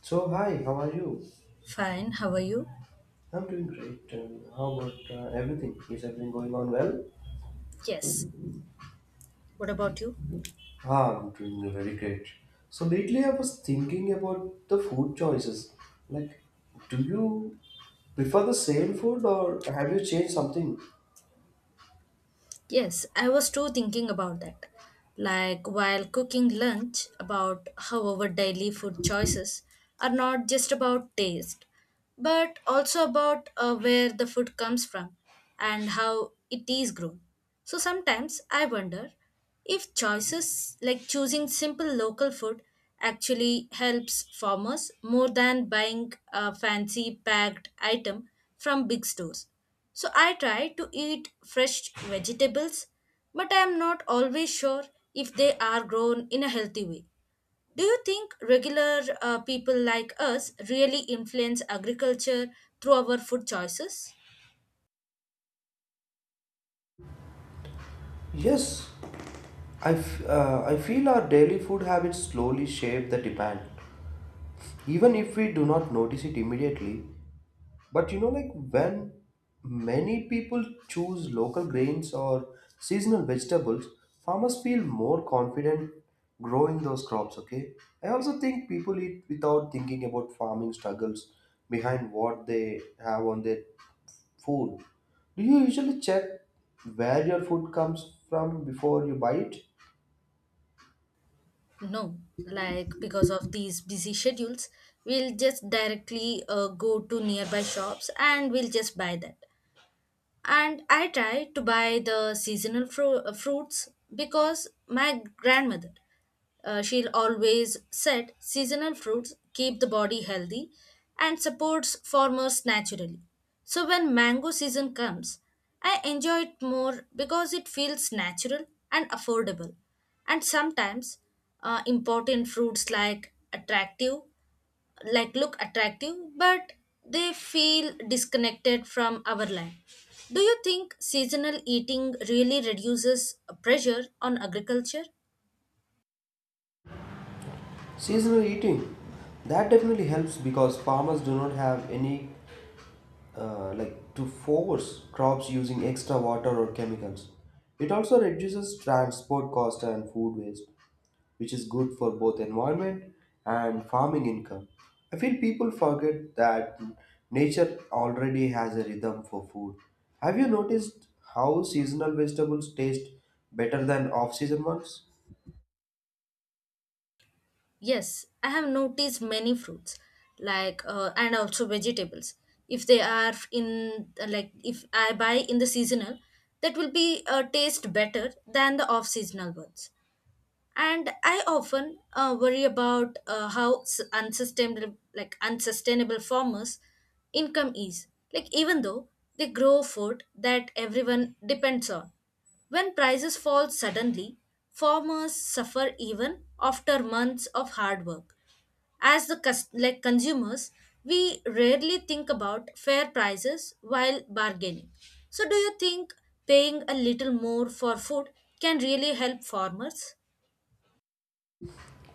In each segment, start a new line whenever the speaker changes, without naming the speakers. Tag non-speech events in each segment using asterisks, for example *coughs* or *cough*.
So, hi, how are you?
Fine, how are you?
I'm doing great. And how about everything? Is everything going on well?
Yes. What about you?
Ah, I'm doing very great. So, lately I was thinking about the food choices. Like, do you prefer the same food or have you changed something?
Yes, I was too thinking about that, like while cooking lunch, about how our daily food choices are not just about taste, but also about where the food comes from and how it is grown. So sometimes I wonder if choices like choosing simple local food actually helps farmers more than buying a fancy packed item from big stores, so I try to eat fresh vegetables, but I am not always sure if they are grown in a healthy way. Do you think regular people like us really influence agriculture through our food choices?
Yes, I feel our daily food habits slowly shape the demand. Even if we do not notice it immediately, but you know, like when many people choose local grains or seasonal vegetables, farmers feel more confident growing those crops, okay? I also think people eat without thinking about farming struggles behind what they have on their food. Do you usually check where your food comes from before you buy it?
No, like because of these busy schedules, we'll just directly go to nearby shops and we'll just buy that. And I try to buy the seasonal fruits, because my grandmother, she'll always said seasonal fruits keep the body healthy and supports farmers naturally. So when mango season comes, I enjoy it more because it feels natural and affordable. And sometimes important fruits like attractive, like look attractive, but they feel disconnected from our land. Do you think seasonal eating really reduces pressure on agriculture?
Seasonal eating. That definitely helps because farmers do not have any like to force crops using extra water or chemicals. It also reduces transport cost and food waste, which is good for both environment and farming income. I feel people forget that nature already has a rhythm for food. Have you noticed how seasonal vegetables taste better than off-season ones?
Yes, I have noticed many fruits like and also vegetables. If they are in, like if I buy in the seasonal, that will be taste better than the off seasonal ones. And I often worry about how unsustainable farmers income is, like even though they grow food that everyone depends on. When prices fall suddenly, farmers suffer even after months of hard work. As the consumers, we rarely think about fair prices while bargaining. So do you think paying a little more for food can really help farmers?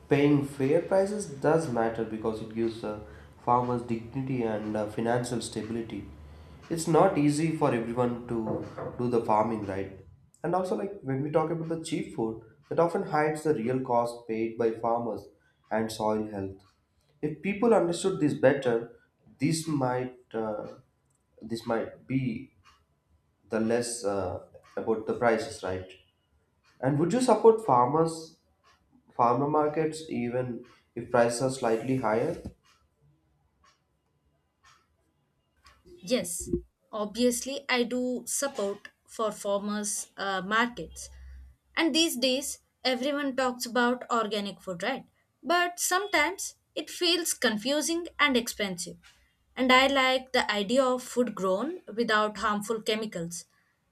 Paying fair prices does matter because it gives farmers dignity and financial stability. It's not easy for everyone to do the farming right. And also, like when we talk about the cheap food, that often hides the real cost paid by farmers and soil health. If people understood this better, this might uh, this might be the less about the prices, right? And would you support farmer markets even if prices are slightly higher?
Yes, obviously, I do support for farmers' markets. And these days, everyone talks about organic food, right? But sometimes it feels confusing and expensive. And I like the idea of food grown without harmful chemicals,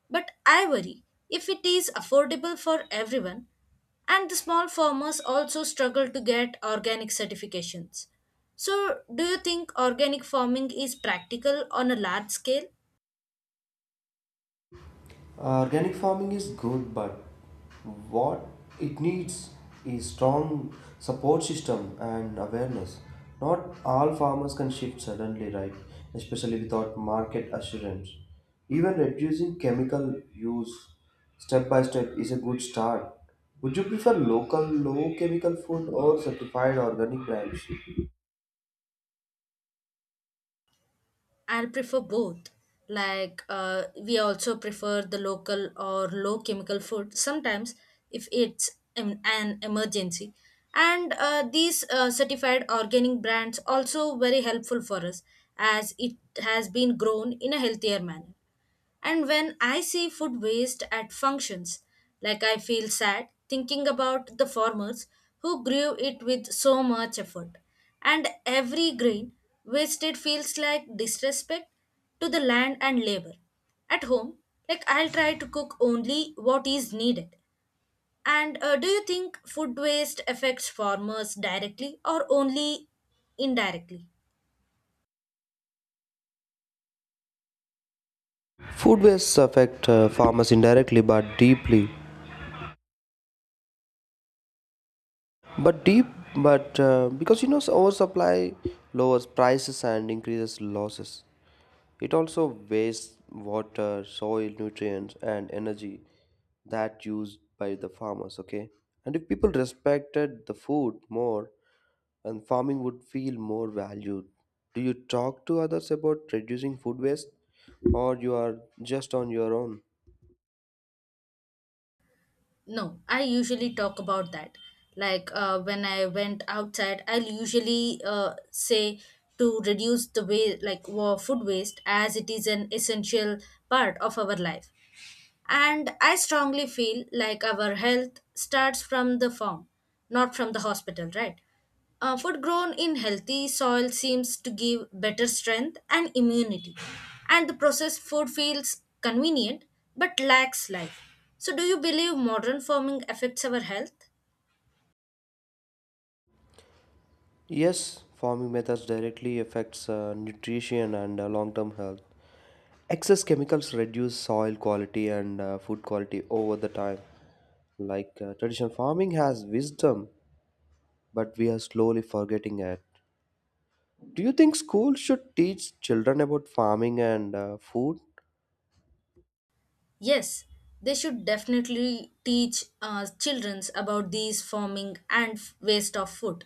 but I worry if it is affordable for everyone, and the small farmers also struggle to get organic certifications. So, do you think organic farming is practical on a large scale?
Organic farming is good, but what it needs is strong support system and awareness. Not all farmers can shift suddenly, right? Especially without market assurance. Even reducing chemical use step by step is a good start. Would you prefer local, low chemical food or certified organic brands?
I'll prefer both. Like, we also prefer the local or low chemical food sometimes if it's an emergency. And these certified organic brands also very helpful for us as it has been grown in a healthier manner. And when I see food waste at functions, like I feel sad thinking about the farmers who grew it with so much effort. And every grain wasted feels like disrespect to the land and labor. At home, like I'll try to cook only what is needed. And do you think food waste affects farmers directly or only indirectly?
Food wastes affect farmers indirectly but deeply. But deep, but Because you know oversupply lowers prices and increases losses. It also wastes water, soil, nutrients, and energy that used by the farmers. Okay, and if people respected the food more, and farming would feel more valued. Do you talk to others about reducing food waste, or you are just on your own?
No, I usually talk about that. Like when I went outside, I'll usually say to reduce the way like food waste, as it is an essential part of our life. And I strongly feel like our health starts from the farm, not from the hospital, right? Food grown in healthy soil seems to give better strength and immunity. And the processed food feels convenient but lacks life. So, do you believe modern farming affects our health?
Yes, farming methods directly affects nutrition and long-term health. Excess chemicals reduce soil quality and food quality over the time. Like traditional farming has wisdom, but we are slowly forgetting it. Do you think schools should teach children about farming and food?
Yes, they should definitely teach children about these farming and waste of food.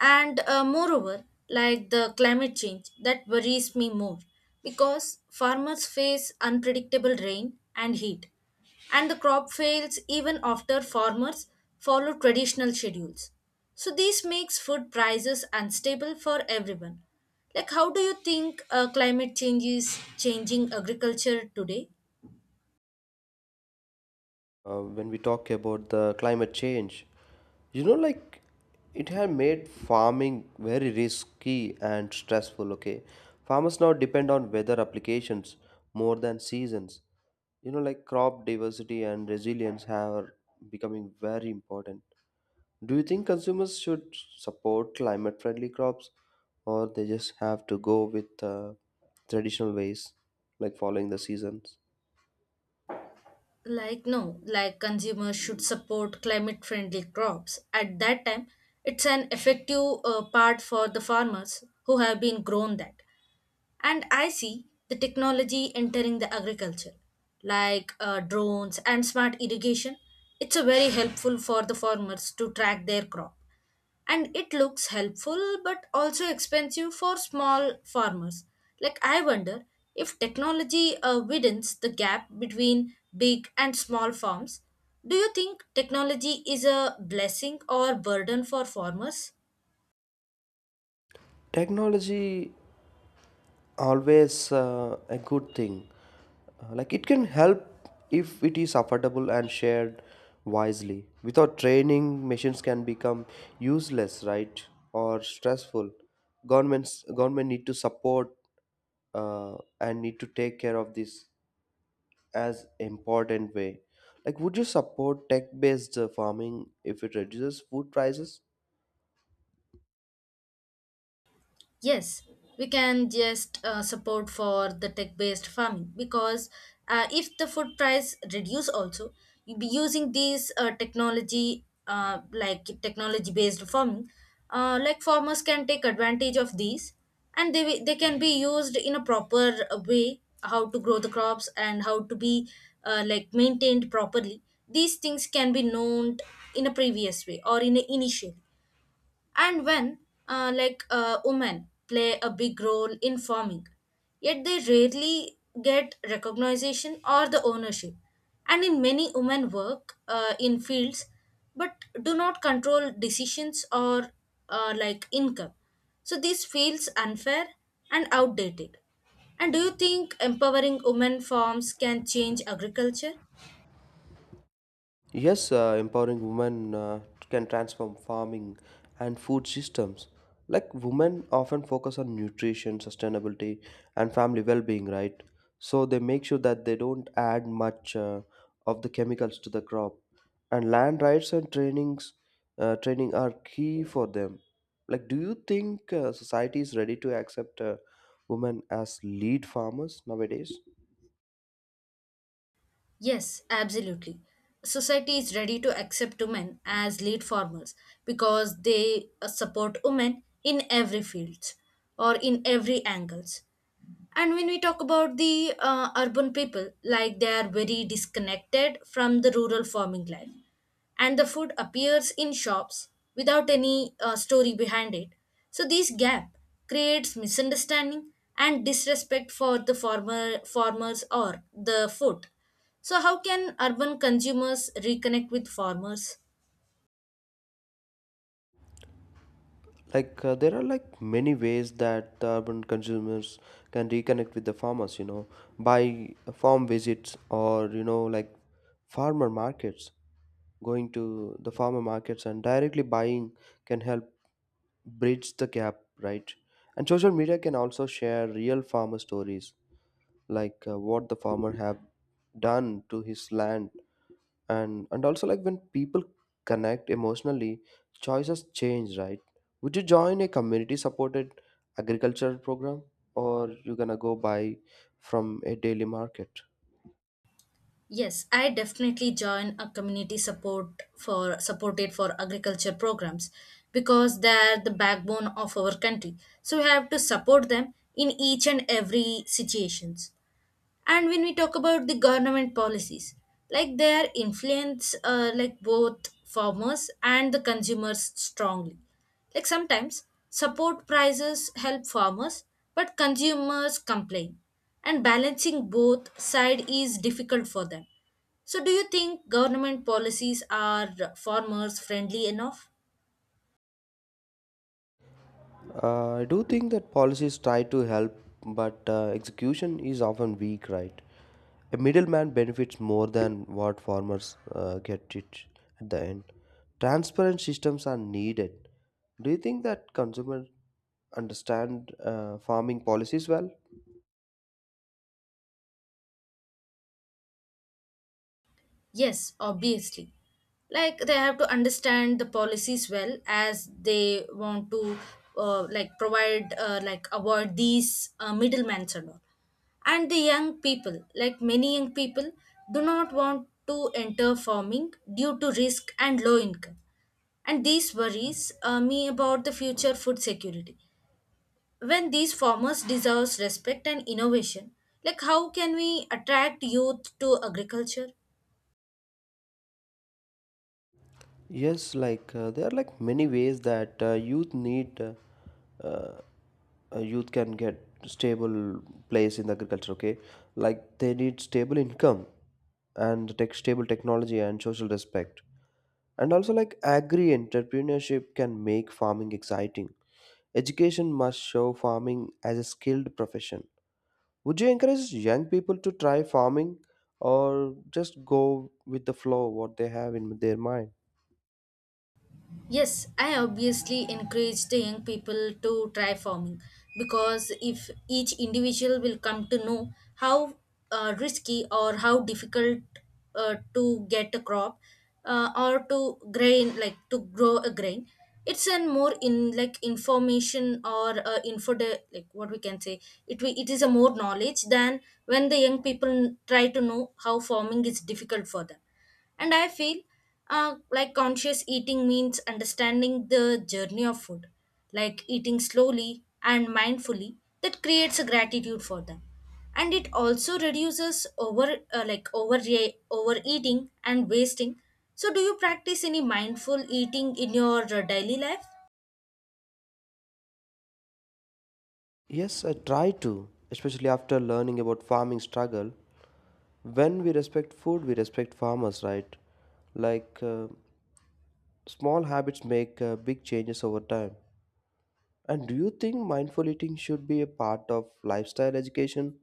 And moreover, like the climate change that worries me more, because farmers face unpredictable rain and heat, and the crop fails even after farmers follow traditional schedules. So this makes food prices unstable for everyone. Like, how do you think climate change is changing agriculture today?
When we talk about the climate change, you know, like it had made farming very risky and stressful, okay? Farmers now depend on weather applications more than seasons. You know, like crop diversity and resilience have becoming very important. Do you think consumers should support climate friendly crops, or they just have to go with traditional ways, like following the seasons?
Like, no, like consumers should support climate friendly crops at that time. It's an effective part for the farmers who have been grown that. And I see the technology entering the agriculture, like drones and smart irrigation. It's a very helpful for the farmers to track their crop, and it looks helpful but also expensive for small farmers. Like, I wonder if technology widens the gap between big and small farms. Do you think technology is a blessing or burden for farmers?
Technology always a good thing. Like it can help if it is affordable and shared wisely. Without training, machines can become useless, right? Or stressful. Government need to support uh, and need to take care of this as important way. Like would you support tech based farming if it reduces food prices?
Yes, we can just support for the tech-based farming, because if the food price reduce also, you'll be using these technology like technology-based farming. Like, farmers can take advantage of these, and they, they can be used in a proper way, how to grow the crops and how to be like maintained properly. These things can be known in a previous way or in a initial. And when women play a big role in farming, yet they rarely get recognition or the ownership. And in many, women work in fields, but do not control decisions or like income. So this feels unfair and outdated. And do you think empowering women farms can change agriculture?
Yes, empowering women can transform farming and food systems. Like women often focus on nutrition, sustainability, and family well-being, right? So they make sure that they don't add much of the chemicals to the crop. And land rights and training are key for them. Like, do you think society is ready to accept women as lead farmers nowadays?
Yes, absolutely. Society is ready to accept women as lead farmers because they support women in every fields or in every angles. And when we talk about the urban people, like they are very disconnected from the rural farming life, and the food appears in shops without any story behind it. So this gap creates misunderstanding and disrespect for the farmers or the food. So, how can urban consumers reconnect with farmers?
Like there are like many ways that the urban consumers can reconnect with the farmers, you know, by farm visits or, you know, like farmer markets. Going to the farmer markets and directly buying can help bridge the gap, right? And social media can also share real farmer stories, like what the farmer have done to his land. And also, like when people connect emotionally, choices change, right? Would you join a community supported agricultural program, or you gonna go buy from a daily market?
Yes, I definitely join a community support for supported for agriculture programs, because they are the backbone of our country. So we have to support them in each and every situations. And when we talk about the government policies, like they are influence like both farmers and the consumers strongly. Like sometimes support prices help farmers but consumers complain, and balancing both side is difficult for them. So do you think government policies are farmers friendly enough?
I do think that policies try to help, but execution is often weak, right? A middleman benefits more than what farmers get it at the end. Transparent systems are needed. Do you think that consumers understand farming policies well?
Yes, obviously. Like they have to understand the policies well, as they want to provide avoid these middlemen and all. And the young people, like many young people, do not want to enter farming due to risk and low income. And these worries me about the future food security. When these farmers deserve respect and innovation, like, how can we attract youth to agriculture?
Yes, like there are like many ways that youth need uh, youth can get stable place in the agriculture. Okay, like they need stable income and tech stable technology and social respect, and also like agri entrepreneurship can make farming exciting. Education must show farming as a skilled profession. Would you encourage young people to try farming, or just go with the flow what they have in their mind?
Yes, I obviously encourage the young people to try farming, because if each individual will come to know how risky or how difficult to get a crop or to grain, like to grow a grain, it's an more in like information or info de- like what we can say, it it is a more knowledge than when the young people try to know how farming is difficult for them. And I feel like conscious eating means understanding the journey of food, like eating slowly and mindfully, that creates a gratitude for them. And it also reduces over overeating and wasting. So do you practice any mindful eating in your daily life?
Yes, I try to, especially after learning about farming struggle. When we respect food, we respect farmers, right? Like small habits make big changes over time. And do you think mindful eating should be a part of lifestyle education?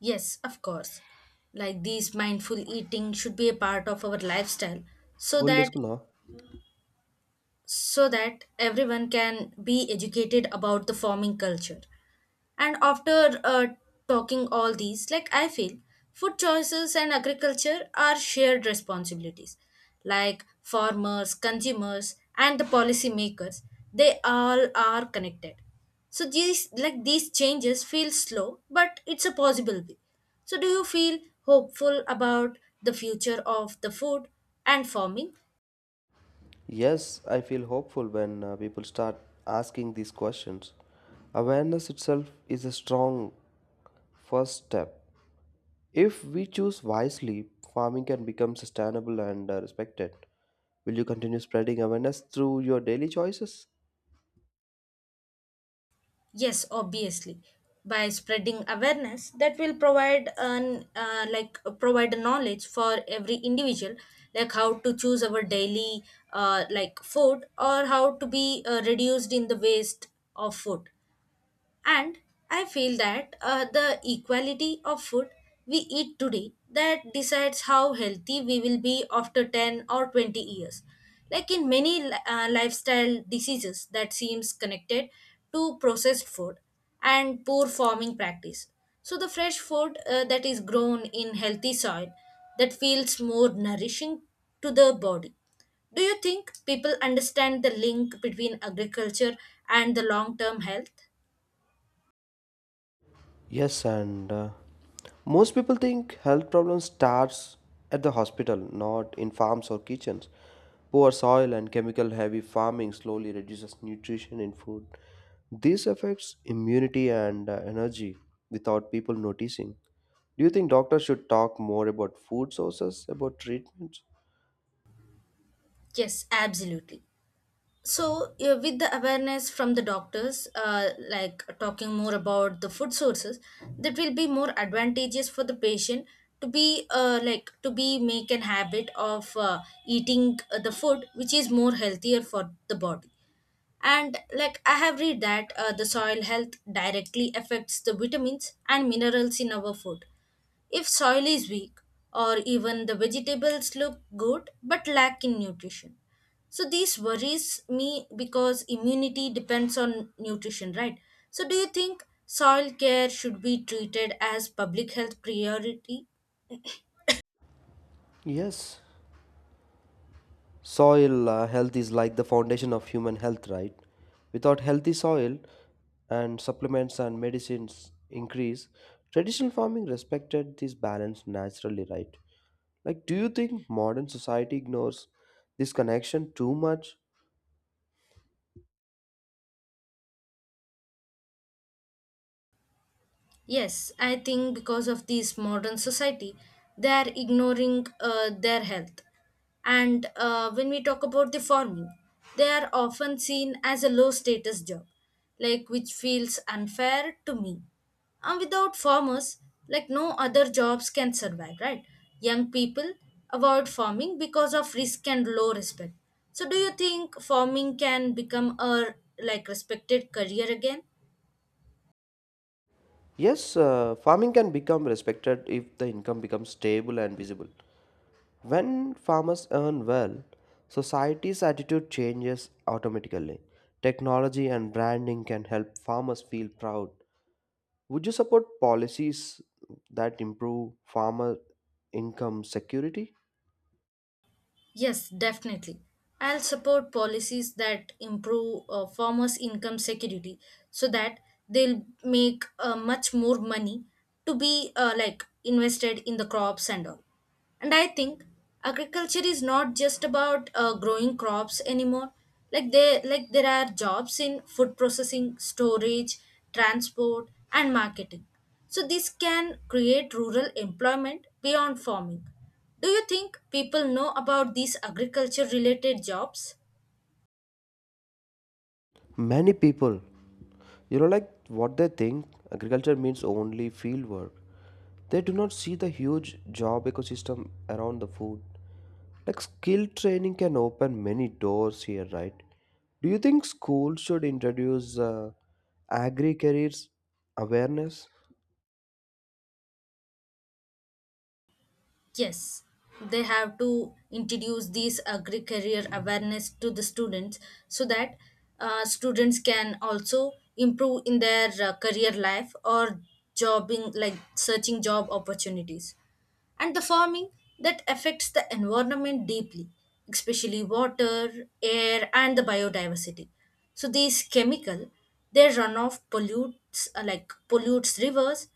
Yes, of course. Like these mindful eating should be a part of our lifestyle, so
Good
that
listener.
so that everyone can be educated about the farming culture. And after talking all these, like I feel food choices and agriculture are shared responsibilities, like farmers, consumers and the policymakers, they all are connected. So these changes feel slow, but it's a possibility. So do you feel hopeful about the future of the food and farming?
Yes, I feel hopeful when people start asking these questions. Awareness itself is a strong first step. If we choose wisely, farming can become sustainable and respected. Will you continue spreading awareness through your daily choices?
Yes, obviously. By spreading awareness, that will provide an provide knowledge for every individual, like how to choose our daily like food, or how to be reduced in the waste of food. And I feel that the equality of food we eat today that decides how healthy we will be after 10 or 20 years. Like in many lifestyle diseases that seems connected to processed food and poor farming practice. So the fresh food that is grown in healthy soil, that feels more nourishing to the body. Do you think people understand the link between agriculture and the long term health?
Yes, and most people think health problems starts at the hospital, not in farms or kitchens. Poor soil and chemical heavy farming slowly reduces nutrition in food. This affects immunity and energy without people noticing. Do you think doctors should talk more about food sources, about treatments?
Yes, absolutely. So, yeah, with the awareness from the doctors, like talking more about the food sources, that will be more advantageous for the patient to be to be make an habit of eating the food which is more healthier for the body. And like I have read that the soil health directly affects the vitamins and minerals in our food. If soil is weak, or even the vegetables look good but lack in nutrition, so this worries me because immunity depends on nutrition, right? So do you think soil care should be treated as public health priority?
Yes. Soil health is like the foundation of human health, right? Without healthy soil and supplements and medicines increase, traditional farming respected this balance naturally, right? Like, do you think modern society ignores this connection too much?
Yes, I think because of this modern society, they are ignoring their health. And when we talk about the farming, they are often seen as a low status job, like which feels unfair to me. And without farmers, like no other jobs can survive, right? Young people avoid farming because of risk and low respect. So, do you think farming can become a respected career again?
Yes, farming can become respected if the income becomes stable and visible. When farmers earn well, society's attitude changes automatically. Technology and branding can help farmers feel proud. Would you support policies that improve farmer income security?
Yes, definitely. I'll support policies that improve farmers' income security so that they'll make much more money to be invested in the crops and all. And I think agriculture is not just about growing crops anymore. Like there are jobs in food processing, storage, transport, and marketing. So this can create rural employment beyond farming. Do you think people know about these agriculture related jobs?
Many people, you know, like what they think agriculture means only field work. They do not see the huge job ecosystem around the food. Like skill training can open many doors here, right? Do you think schools should introduce agri careers awareness?
Yes, they have to introduce these agri career awareness to the students so that students can also improve in their career life or jobbing like searching job opportunities, and the farming that affects the environment deeply, especially water, air, and the biodiversity. So these chemical, their runoff pollutes rivers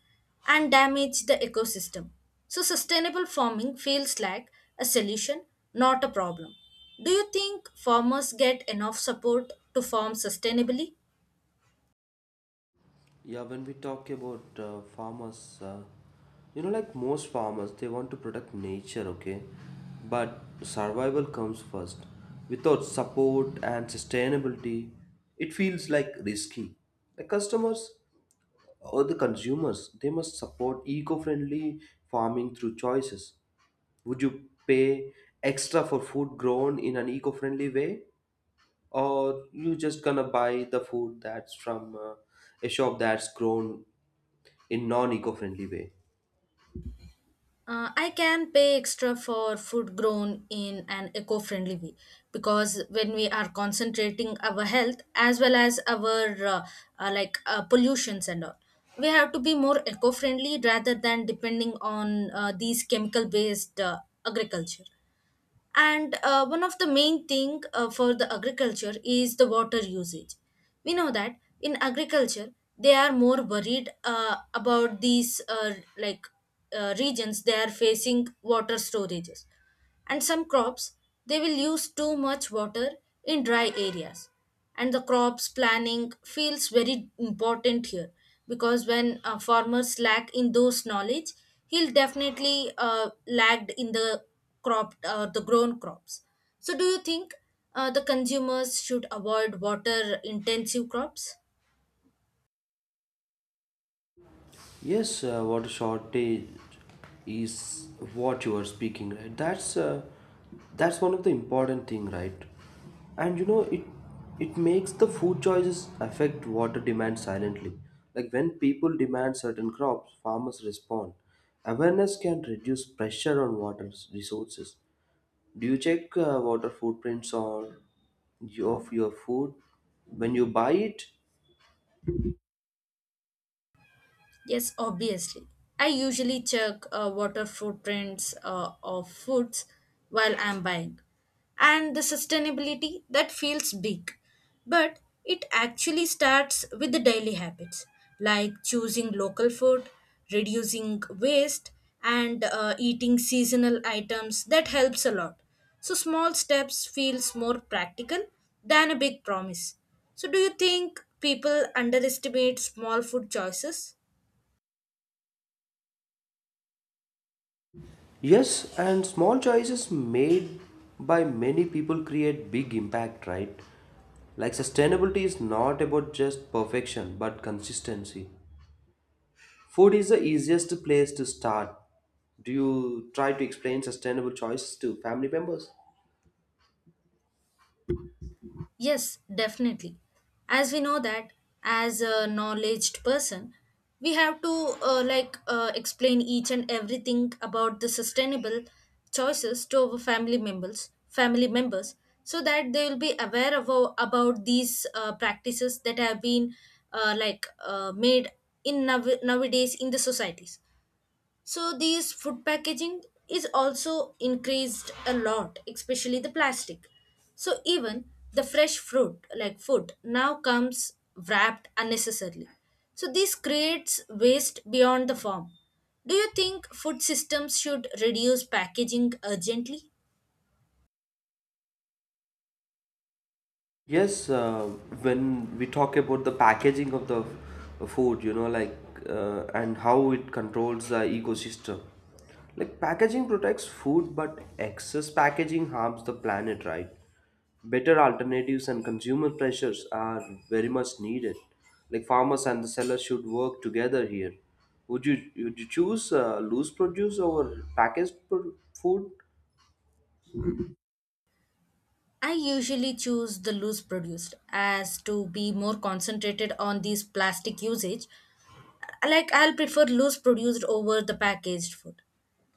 and damage the ecosystem. So sustainable farming feels like a solution, not a problem. Do you think farmers get enough support to farm sustainably?
Yeah, when we talk about farmers, you know, like most farmers, they want to protect nature, okay? But survival comes first. Without support and sustainability, it feels like risky. The customers or the consumers, they must support eco friendly farming through choices. Would you pay extra for food grown in an eco-friendly way, or you just gonna buy the food that's from a shop that's grown in non-eco-friendly way?
I can pay extra for food grown in an eco friendly way, because when we are concentrating our health as well as our pollutions and all, we have to be more eco friendly rather than depending on these chemical based agriculture. And one of the main thing for the agriculture is the water usage. We know that in agriculture they are more worried about these regions. They are facing water storages, and some crops, they will use too much water in dry areas, and the crops planning feels very important here, because when farmers lack in those knowledge, he'll definitely lagged in the crop the grown crops. So do you think the consumers should avoid water intensive crops?
Yes, water shortage is what you are speaking, right? That's one of the important thing, right? And you know it makes the food choices affect water demand silently. Like when people demand certain crops, farmers respond. Awareness can reduce pressure on water resources. Do you check water footprints on your, of your food when you buy it?
Yes, obviously. I usually check water footprints of foods while I'm buying. And the sustainability, that feels big, but it actually starts with the daily habits like choosing local food, reducing waste, and eating seasonal items. That helps a lot. So small steps feels more practical than a big promise. So do you think people underestimate small food choices?
Yes, and small choices made by many people create big impact, right? Like sustainability is not about just perfection but consistency. Food is the easiest place to start. Do you try to explain sustainable choices to family members?
Yes, definitely. As we know that, as a knowledged person, we have to explain each and everything about the sustainable choices to our family members, so that they will be aware of about these practices that have been made in nowadays in the societies. So these food packaging is also increased a lot, especially the plastic. So even the fresh fruit like food now comes wrapped unnecessarily. So this creates waste beyond the form. Do you think food systems should reduce packaging urgently?
Yes, when we talk about the packaging of the food, you know, like and how it controls the ecosystem. Like packaging protects food, but excess packaging harms the planet, right? Better alternatives and consumer pressures are very much needed. Like farmers and the sellers should work together here. Would you would you choose loose produce over food?
I usually choose the loose produced as to be more concentrated on these plastic usage. Like, I'll prefer loose produced over the packaged food.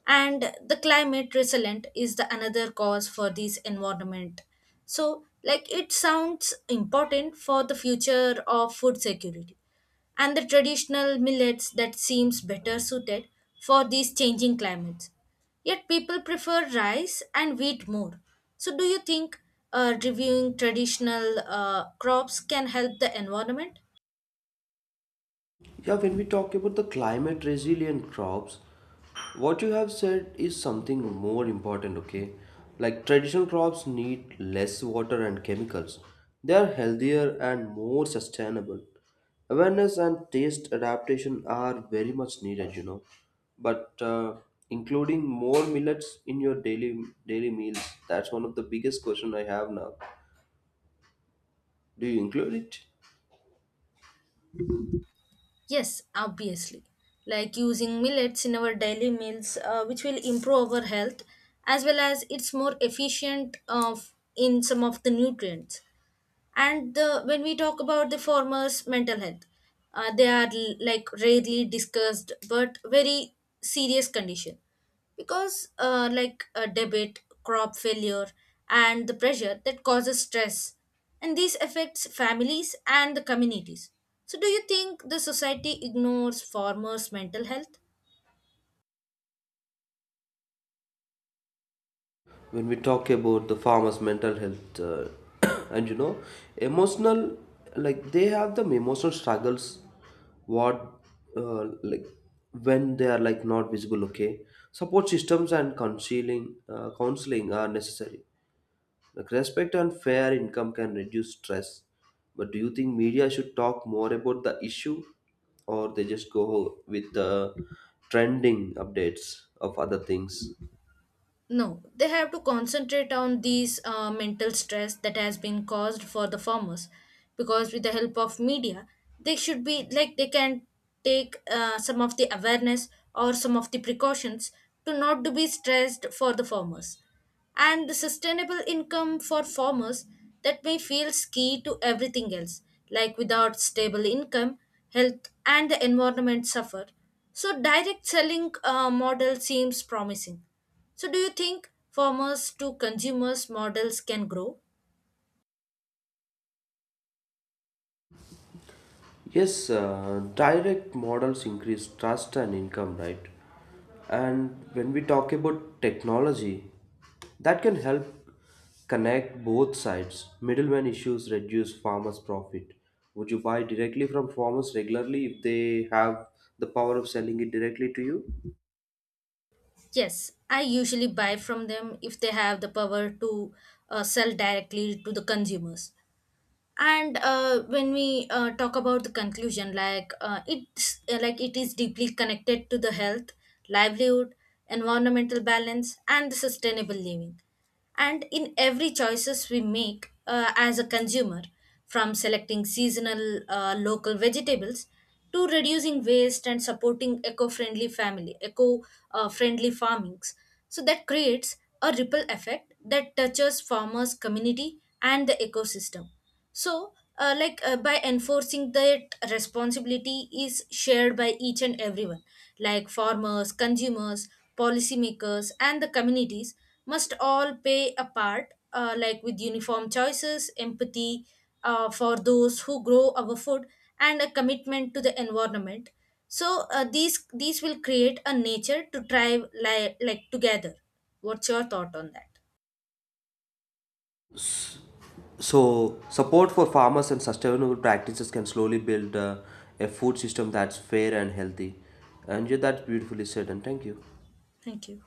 And the climate resilient is the another cause for this environment. So like, it sounds important for the future of food security, and the traditional millets, that seems better suited for these changing climates. Yet people prefer rice and wheat more. So do you think reviewing traditional crops can help the environment?
Yeah, when we talk about the climate resilient crops, what you have said is something more important, okay? Like traditional crops need less water and chemicals. They are healthier and more sustainable. Awareness and taste adaptation are very much needed, you know. But including more millets in your daily meals, that's one of the biggest question I have now. Do you include it?
Yes, obviously. Like using millets in our daily meals, which will improve our health, as well as it's more efficient of in some of the nutrients. And when we talk about the farmers mental health, they are rarely discussed but very serious condition, because a debit crop failure and the pressure that causes stress, and this affects families and the communities. So do you think the society ignores farmers mental health?
When we talk about the farmers mental health, *coughs* and you know emotional, like they have the emotional struggles. What like when they are like not visible, okay? Support systems and counseling are necessary. Like respect and fair income can reduce stress. But do you think media should talk more about the issue, or they just go with the trending updates of other things?
No, they have to concentrate on these mental stress that has been caused for the farmers, because with the help of media, they should be like, they can take some of the awareness or some of the precautions to not to be stressed for the farmers. And the sustainable income for farmers, that may feels key to everything else. Like without stable income, health and the environment suffer. So direct selling model seems promising. So, do you think farmers to consumers models can grow?
Yes, direct models increase trust and income, right? And when we talk about technology, that can help connect both sides. Middleman issues reduce farmers' profit. Would you buy directly from farmers regularly if they have the power of selling it directly to you?
Yes, I usually buy from them if they have the power to sell directly to the consumers. And when we talk about the conclusion, it is deeply connected to the health, livelihood, environmental balance and the sustainable living. And in every choices we make as a consumer, from selecting seasonal local vegetables to reducing waste and supporting eco-friendly family eco friendly farmings, so that creates a ripple effect that touches farmers community and the ecosystem. So by enforcing that, responsibility is shared by each and everyone, like farmers, consumers, policymakers and the communities must all play a part, with uniform choices, empathy for those who grow our food, and a commitment to the environment. So these will create a nature to thrive together. What's your thought on that?
So, support for farmers and sustainable practices can slowly build a food system that's fair and healthy. And yeah, that's beautifully said, and thank you.
Thank you.